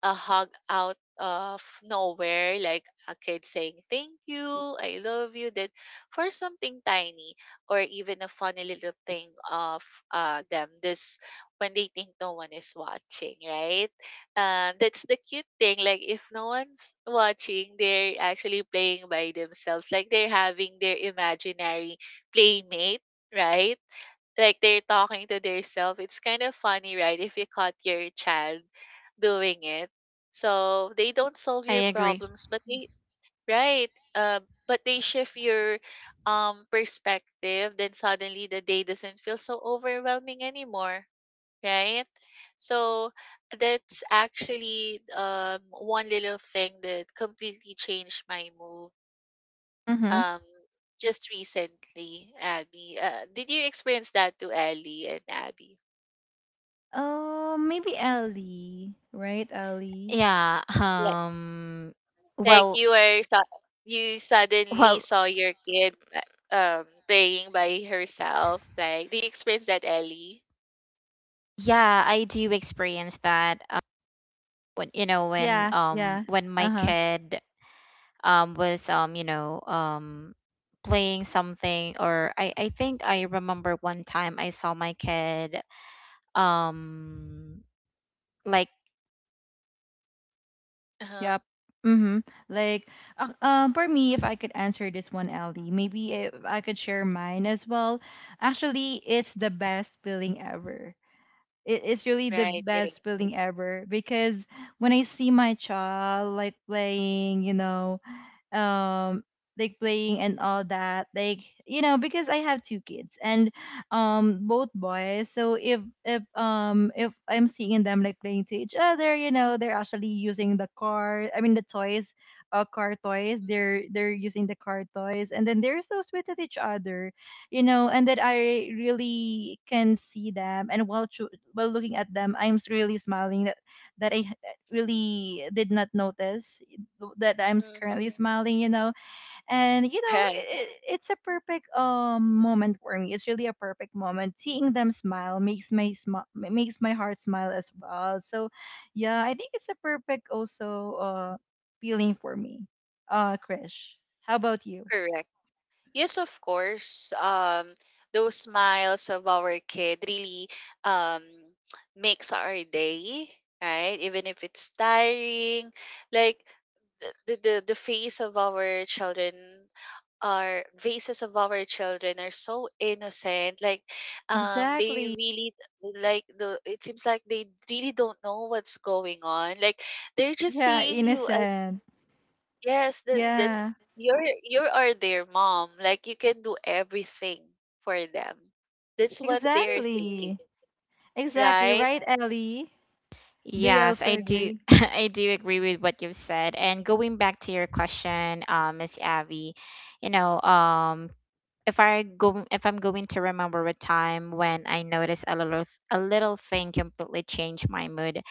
a hug out of nowhere, like a kid saying thank you, I love you, that for something tiny, or even a funny little thing of them this when they think no one is watching, right? That's the cute thing. Like if no one's watching, they're actually playing by themselves. Like they're having their imaginary playmate, right? Like they're talking to themselves. It's kind of funny, right? If you caught your child doing it, so they don't solve
I
your
agree.
problems, but they, right, but they shift your perspective. Then suddenly the day doesn't feel so overwhelming anymore, right? So that's actually one little thing that completely changed my move
Mm-hmm.
um just recently, Abby. Did you experience that too, Ellie and Abby?
Oh, maybe Ellie. Right, Ellie?
Yeah.
Like
Well.
you you suddenly
Well.
saw your kid playing by herself. Like do you experience that, Ellie?
Yeah, I do experience that. When you know when,
Yeah. Yeah.
when my
Uh-huh.
kid, was, you know, playing something. Or I think I remember one time I saw my kid, um like.
Uh-huh.
Yep. Mm-hmm. Like, for me, if I could answer this one, Ellie, maybe if I could share mine as well. Actually, it's the best feeling ever. It's really the
Right, it is.
best feeling ever, because when I see my child like playing, um like playing and all that, like because I have two kids, and both boys. So if I'm seeing them like playing to each other, they're actually using the car, I mean the toys, car toys, they're using the car toys. And then they're so sweet at each other, and that I really can see them. And while looking at them, I'm really smiling, that I really did not notice that I'm currently
Mm-hmm.
smiling. And
Right.
it, it's a perfect moment for me. It's really a perfect moment. Seeing them smile makes my heart smile as well. So, yeah, I think it's a perfect also feeling for me. Krish, how about you?
Correct. Yes, of course. Those smiles of our kid really um, makes our day, right? Even if it's tiring, like the face of our children, our faces of our children are so innocent, like they
Exactly.
really like the it seems like they really don't know what's going on, like they're just
Yeah,
seeing you as,
innocent.
yes, that that
Yeah,
you're, you are their mom. Like you can do everything for them. That's what they're
exactly.
thinking,
Exactly.
right?
Right, Ellie? Do you
Yes,
also
I do.
agree?
I do agree with what you've said. And going back to your question, Miss Abby, you know, if I'm going to remember a time when I noticed a little, thing completely changed my mood,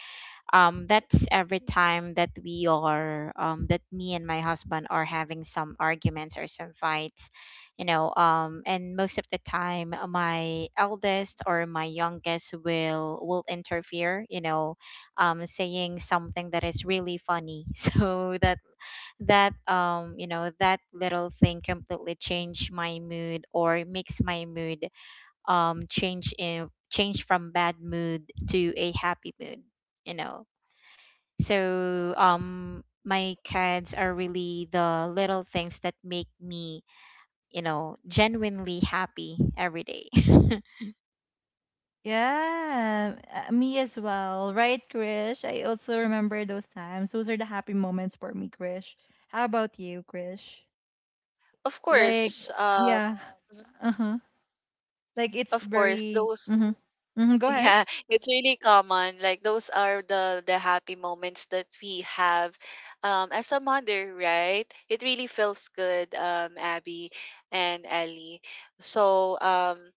that's every time that we are, that me and my husband are having some arguments or some fights, you know, and most of the time, my eldest or my youngest will interfere, you know, saying something that is really funny. So that, you know, that little thing completely changed my mood or makes my mood, change in change from bad mood to a happy mood, you know. So, my kids are really the little things that make me, you know, genuinely happy every day.
Yeah, me as well. Right, Krish? I also remember those times. Those are the happy moments for me, Krish. How about you, Krish?
Of
Like,
course,
yeah.
mhm,
Uh-huh. Like it's
of course,
very
those
mm-hmm. Mm-hmm. Go ahead.
yeah, it's really common. Like those are the happy moments that we have, as a mother, right? It really feels good, Abby and Ellie. So.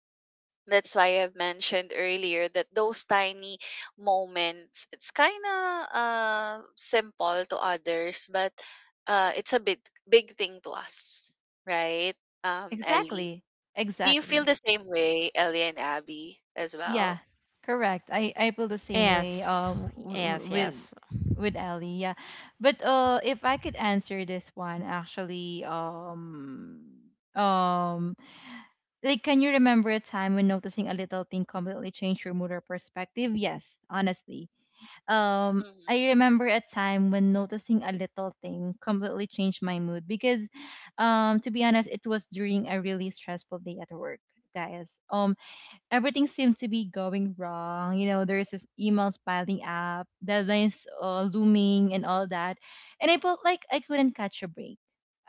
That's why I've mentioned earlier that those tiny moments, it's kind of simple to others, but it's a big, big thing to us, right? Ellie,
Exactly.
do you feel
Exactly.
the same way, Ellie and Abby, as
Yeah.
well?
Correct. I feel the same way
Yes.
w-
Yes,
with
yes.
with Ellie. Yeah. But if I could answer this one actually, um like, can you remember a time when noticing a little thing completely changed your mood or perspective? Yes, honestly.
Hmm.
I remember a time when noticing a little thing completely changed my mood, because, to be honest, it was during a really stressful day at work, guys. Oh, everything seemed to be going wrong. There's this emails piling up, deadlines looming, and all that. And I felt like I couldn't catch a break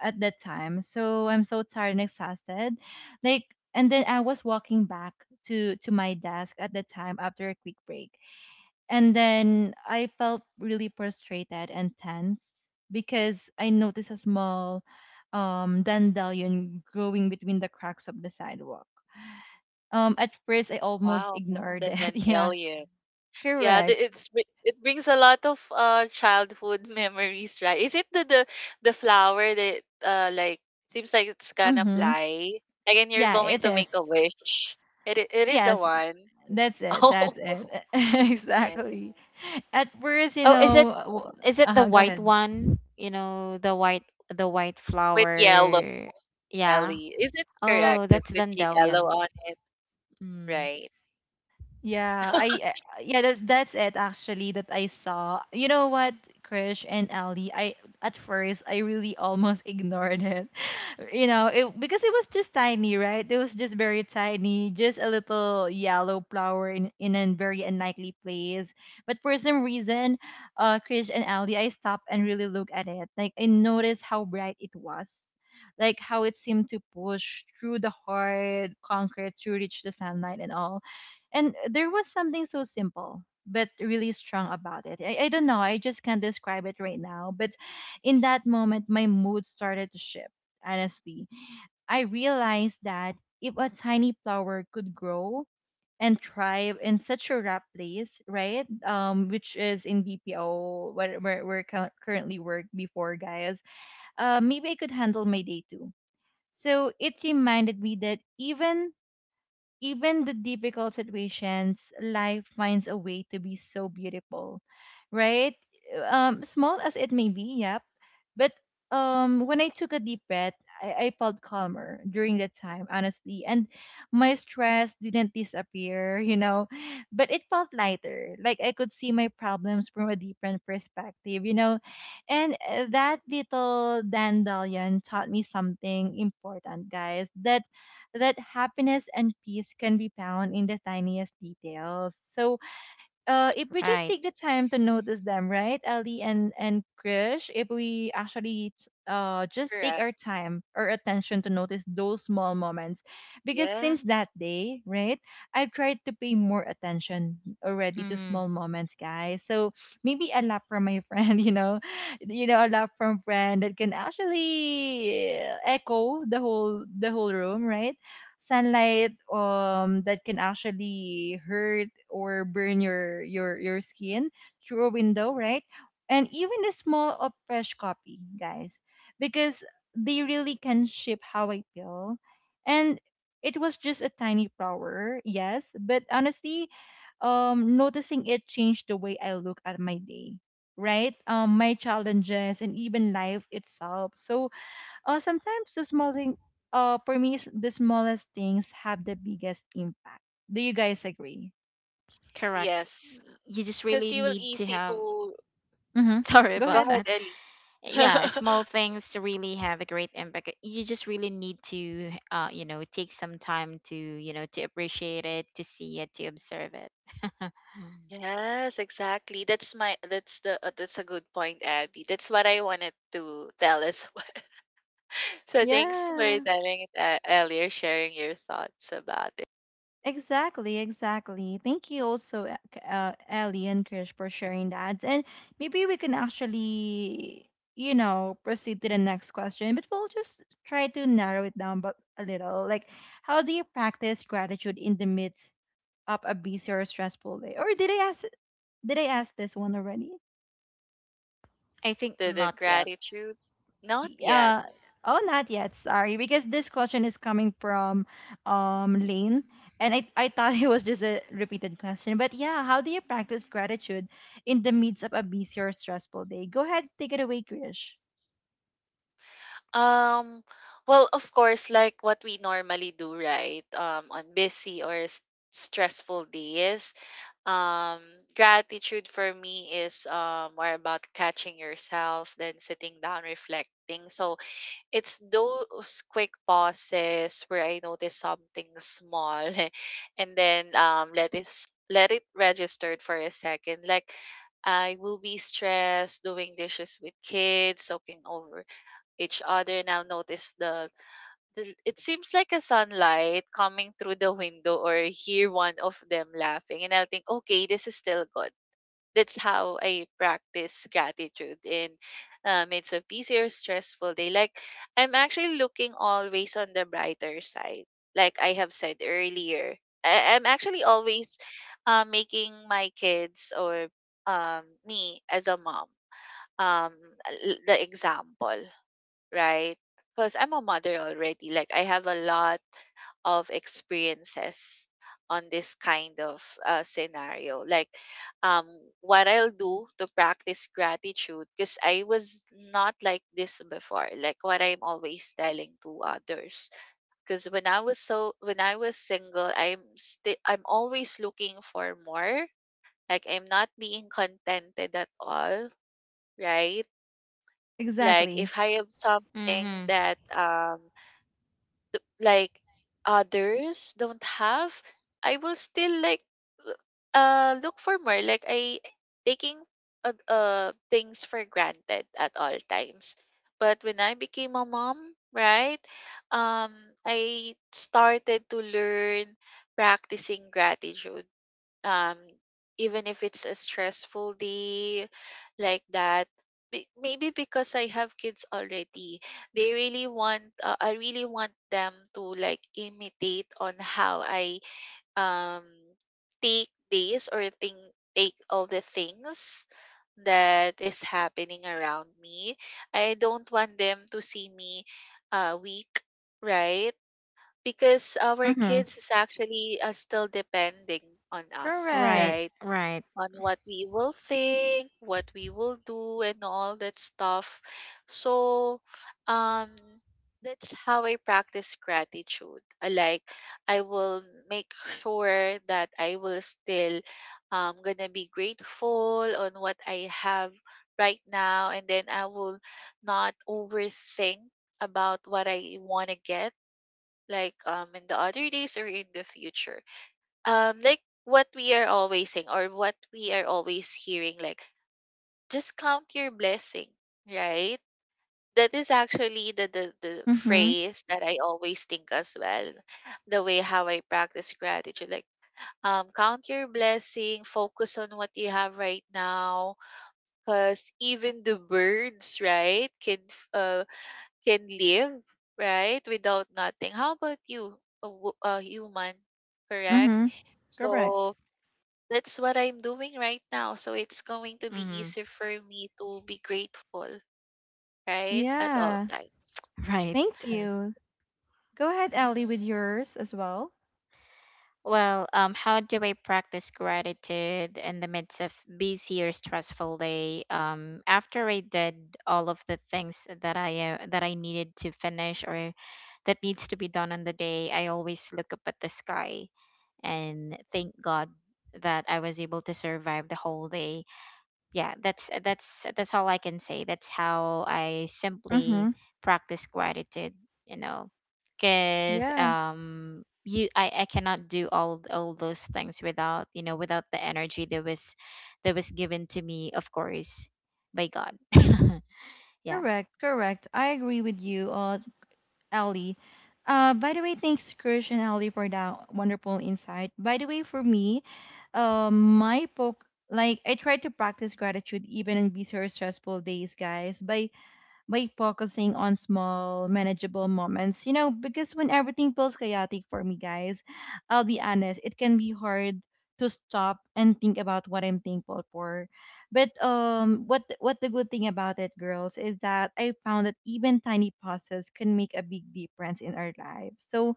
at that time. So I'm so tired and exhausted. Like, and then I was walking back to my desk at the time after a quick break, and then I felt really frustrated and tense because I noticed a small dandelion growing between the cracks of the sidewalk. At first I almost
Wow,
ignored
the
it. Yeah,
dandelion. Yeah,
correct.
it brings a lot of childhood memories, right? Is it the flower that like seems like it's gonna
Mm-hmm.
fly? Like and you're
Yeah,
going
it
to make
is.
a wish. It is the
Yes,
one.
that's it.
Oh
That's it.
my.
Exactly. At first,
Oh, is it, the
uh-huh, go
white
ahead.
one? You know, the white, the white
With yellow
flower. Yeah.
belly. Is it
Oh,
correct that
that's
with the yellow
dandelion.
on it,
Mm.
right?
Yeah, I yeah, that's it actually that I saw. You know what, Krish and Ali, I at first I really almost ignored it. It because it was just tiny, right? It was just very tiny, just a little yellow flower in a very unlikely place. But for some reason, Krish and Ali, I stopped and really looked at it. Like I noticed how bright it was. Like how it seemed to push through the hard concrete to reach the sunlight and all, and there was something so simple but really strong about it. I don't know, I just can't describe it right now. But in that moment, my mood started to shift, honestly. I realized that if a tiny flower could grow and thrive in such a rough place, right? Which is in BPO, where currently work before, guys. Maybe I could handle my day too. So it reminded me that even the difficult situations, life finds a way to be so beautiful, right? Small as it may be, yep. But when I took a deep breath, I felt calmer during that time, honestly. And my stress didn't disappear, but it felt lighter. Like I could see my problems from a different perspective. And that little dandelion taught me something important, guys, that happiness and peace can be found in the tiniest details. So, if we just
Right.
take the time to notice them, right, Ali and Krish, if we actually just take
Correct.
our time or attention to notice those small moments, because since that
Yes.
day, right, I've tried to pay more attention already to
Mm.
small moments, guys. So maybe a laugh from my friend, a laugh from friend that can actually echo the whole room, right? Sunlight that can actually hurt or burn your skin through a window, right? And even a small of fresh copy, guys, because they really can shape how I feel. And it was just a tiny flower, yes, but honestly, noticing it changed the way I look at my day, right? My challenges and even life itself. So sometimes the small thing, for me, is the smallest things have the biggest impact. Do you guys agree?
Correct.
Yes.
You just
Because
really
you will
need to
easy
have
to,
Mm-hmm.
mhm,
sorry
Go
go
about
ahead.
ahead,
that.
Ellie.
Yeah, small things really have a great impact. You just really need to, you know, take some time to, you know, to appreciate it, to see it, to observe it.
Yes, exactly. That's my that's a good point, Abby. That's what I wanted to tell as well. So thanks for
Yeah,
telling it earlier, sharing your thoughts about it.
exactly, exactly. Thank you also, Ellie and Krish, for sharing that. And maybe we can actually, proceed to the next question, but we'll just try to narrow it down but a little. Like, how do you practice gratitude in the midst of a busy or stressful day? Or did I ask? Did I ask this one already?
I think
The
not yet.
gratitude, not yet.
Yeah. Oh, not yet. Sorry, because this question is coming from Lane, and I thought it was just a repeated question. But yeah, how do you practice gratitude in the midst of a busy or stressful day? Go ahead, take it away, Krish.
Um, well, of course, like what we normally do, right? On busy or stressful days, um, gratitude for me is more about catching yourself than sitting down reflecting. So it's those quick pauses where I notice something small and then let let it registered for a second. Like I will be stressed doing dishes with kids, soaking over each other, and I'll notice the it seems like a sunlight coming through the window, or hear one of them laughing and I'll think, okay, this is still good. That's how I practice gratitude in midst of busy or stressful day. Like I'm actually looking always on the brighter side. Like I have said earlier, I'm actually always making my kids or me as a mom, um, the example, right? Because I'm a mother already. Like I have a lot of experiences on this kind of scenario. Like um, what I'll do to practice gratitude, because I was not like this before. Like what I'm always telling to others. Because when I was single, I'm still I'm always looking for more. Like I'm not being contented at all, right? Like
Exactly.
if I have something
Mm-hmm.
that like others don't have, I will still like l- look for more, like I taking things for granted at all times. But when I became a mom, right, um I started to learn practicing gratitude, um even if it's a stressful day like that. May- maybe because I have kids already, they really want I really want them to like imitate on how I um take this or think, take all the things that is happening around me. I don't want them to see me weak, right? Because our
Mm-hmm.
kids is actually still depending on us,
Correct.
Right.
right?
Right.
On what we will think, what we will do, and all that stuff. So, um, that's how I practice gratitude. I like I will make sure that I will still gonna be grateful on what I have right now, and then I will not overthink about what I want to get, like in the other days or in the future, like what we are always saying or what we are always hearing, like just count your blessing, right. That is actually the
Mm-hmm.
phrase that I always think as well, the way how I practice gratitude. Like count your blessing, focus on what you have right now, because even the birds, right, can can live, right, without nothing, how about you, a human, correct.
Mm-hmm. Correct.
So that's what I'm doing right now. So it's going to be
Mm-hmm.
easier for me to be grateful, right? At all
Yeah.
times.
Right.
Thank you. Go ahead, Ellie, with
Hmm.
yours as well.
Well, how do I practice gratitude in the midst of busy or stressful day? After I did all of the things that, I that I needed to finish or that needs to be done on the day, I always look up at the sky and thank God that I was able to survive the whole day. Yeah, that's all I can say. That's how I simply
Mm-hmm.
practice gratitude, you know, because,
Yeah.
you I cannot do all those things without, you know, without the energy that was given to me, of course, by God. Yeah.
Correct. Correct. I agree with you. Ellie. By the way, thanks, Krish and Ellie, for that wonderful insight. By the way, for me, my poke, like I try to practice gratitude even on busy or stressful days, guys, by focusing on small, manageable moments. You know, because when everything feels chaotic for me, guys, I'll be honest, it can be hard to stop and think about what I'm thankful for. But what the good thing about it, girls, is that I found that even tiny pauses can make a big difference in our lives. So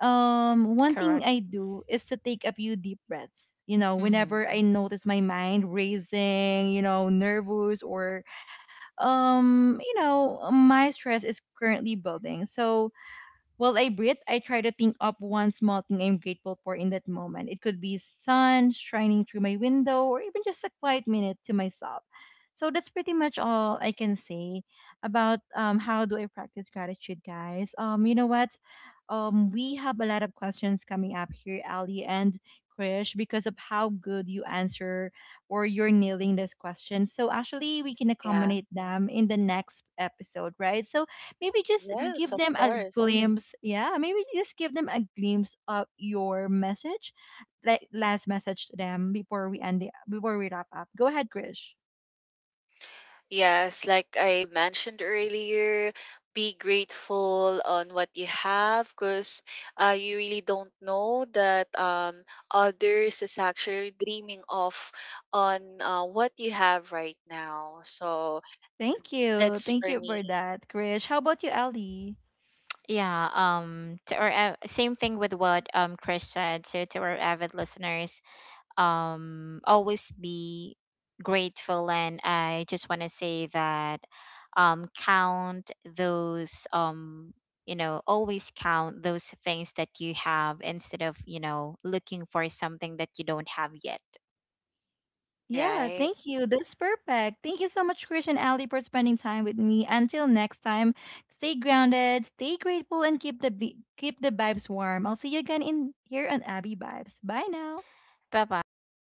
one thing
Correct.
I do is to take a few deep breaths.
Hmm.
Whenever I notice my mind racing, nervous, or my stress is currently building, so while I breathe, I try to think of one small thing I'm grateful for in that moment. It could be sun shining through my window or even just a quiet minute to myself. So that's pretty much all I can say about, how do I practice gratitude, guys. You know what? We have a lot of questions coming up here, Ali and Krish, because of how good you answer or you're nailing this question. So actually, we can
Yeah.
accommodate them in the next episode, right? So maybe just
Yes,
give
of
them a
course.
glimpse, yeah, maybe just give them a glimpse of your message, like last message to them before we wrap up. Go ahead, Krish.
Yes, like I mentioned earlier, be grateful on what you have, because you really don't know that others is actually dreaming of on what you have right now. So
Thank you,
that's
thank
for
you for
me,
that, Krish. How about you, Ali?
Yeah, to our, same thing with what, Chris said. So to our avid listeners, always be grateful. And I just want to say that, count those, you know, always count those things that you have instead of, you know, looking for something that you don't have yet.
Yeah,
right?
thank you, that's perfect. Thank you so much, Krish and Ali, for spending time with me. Until next time, stay grounded, stay grateful, and keep the vibes warm. I'll see you again in here on Abby Vibes. Bye now.
Bye bye.
Bye.
Thank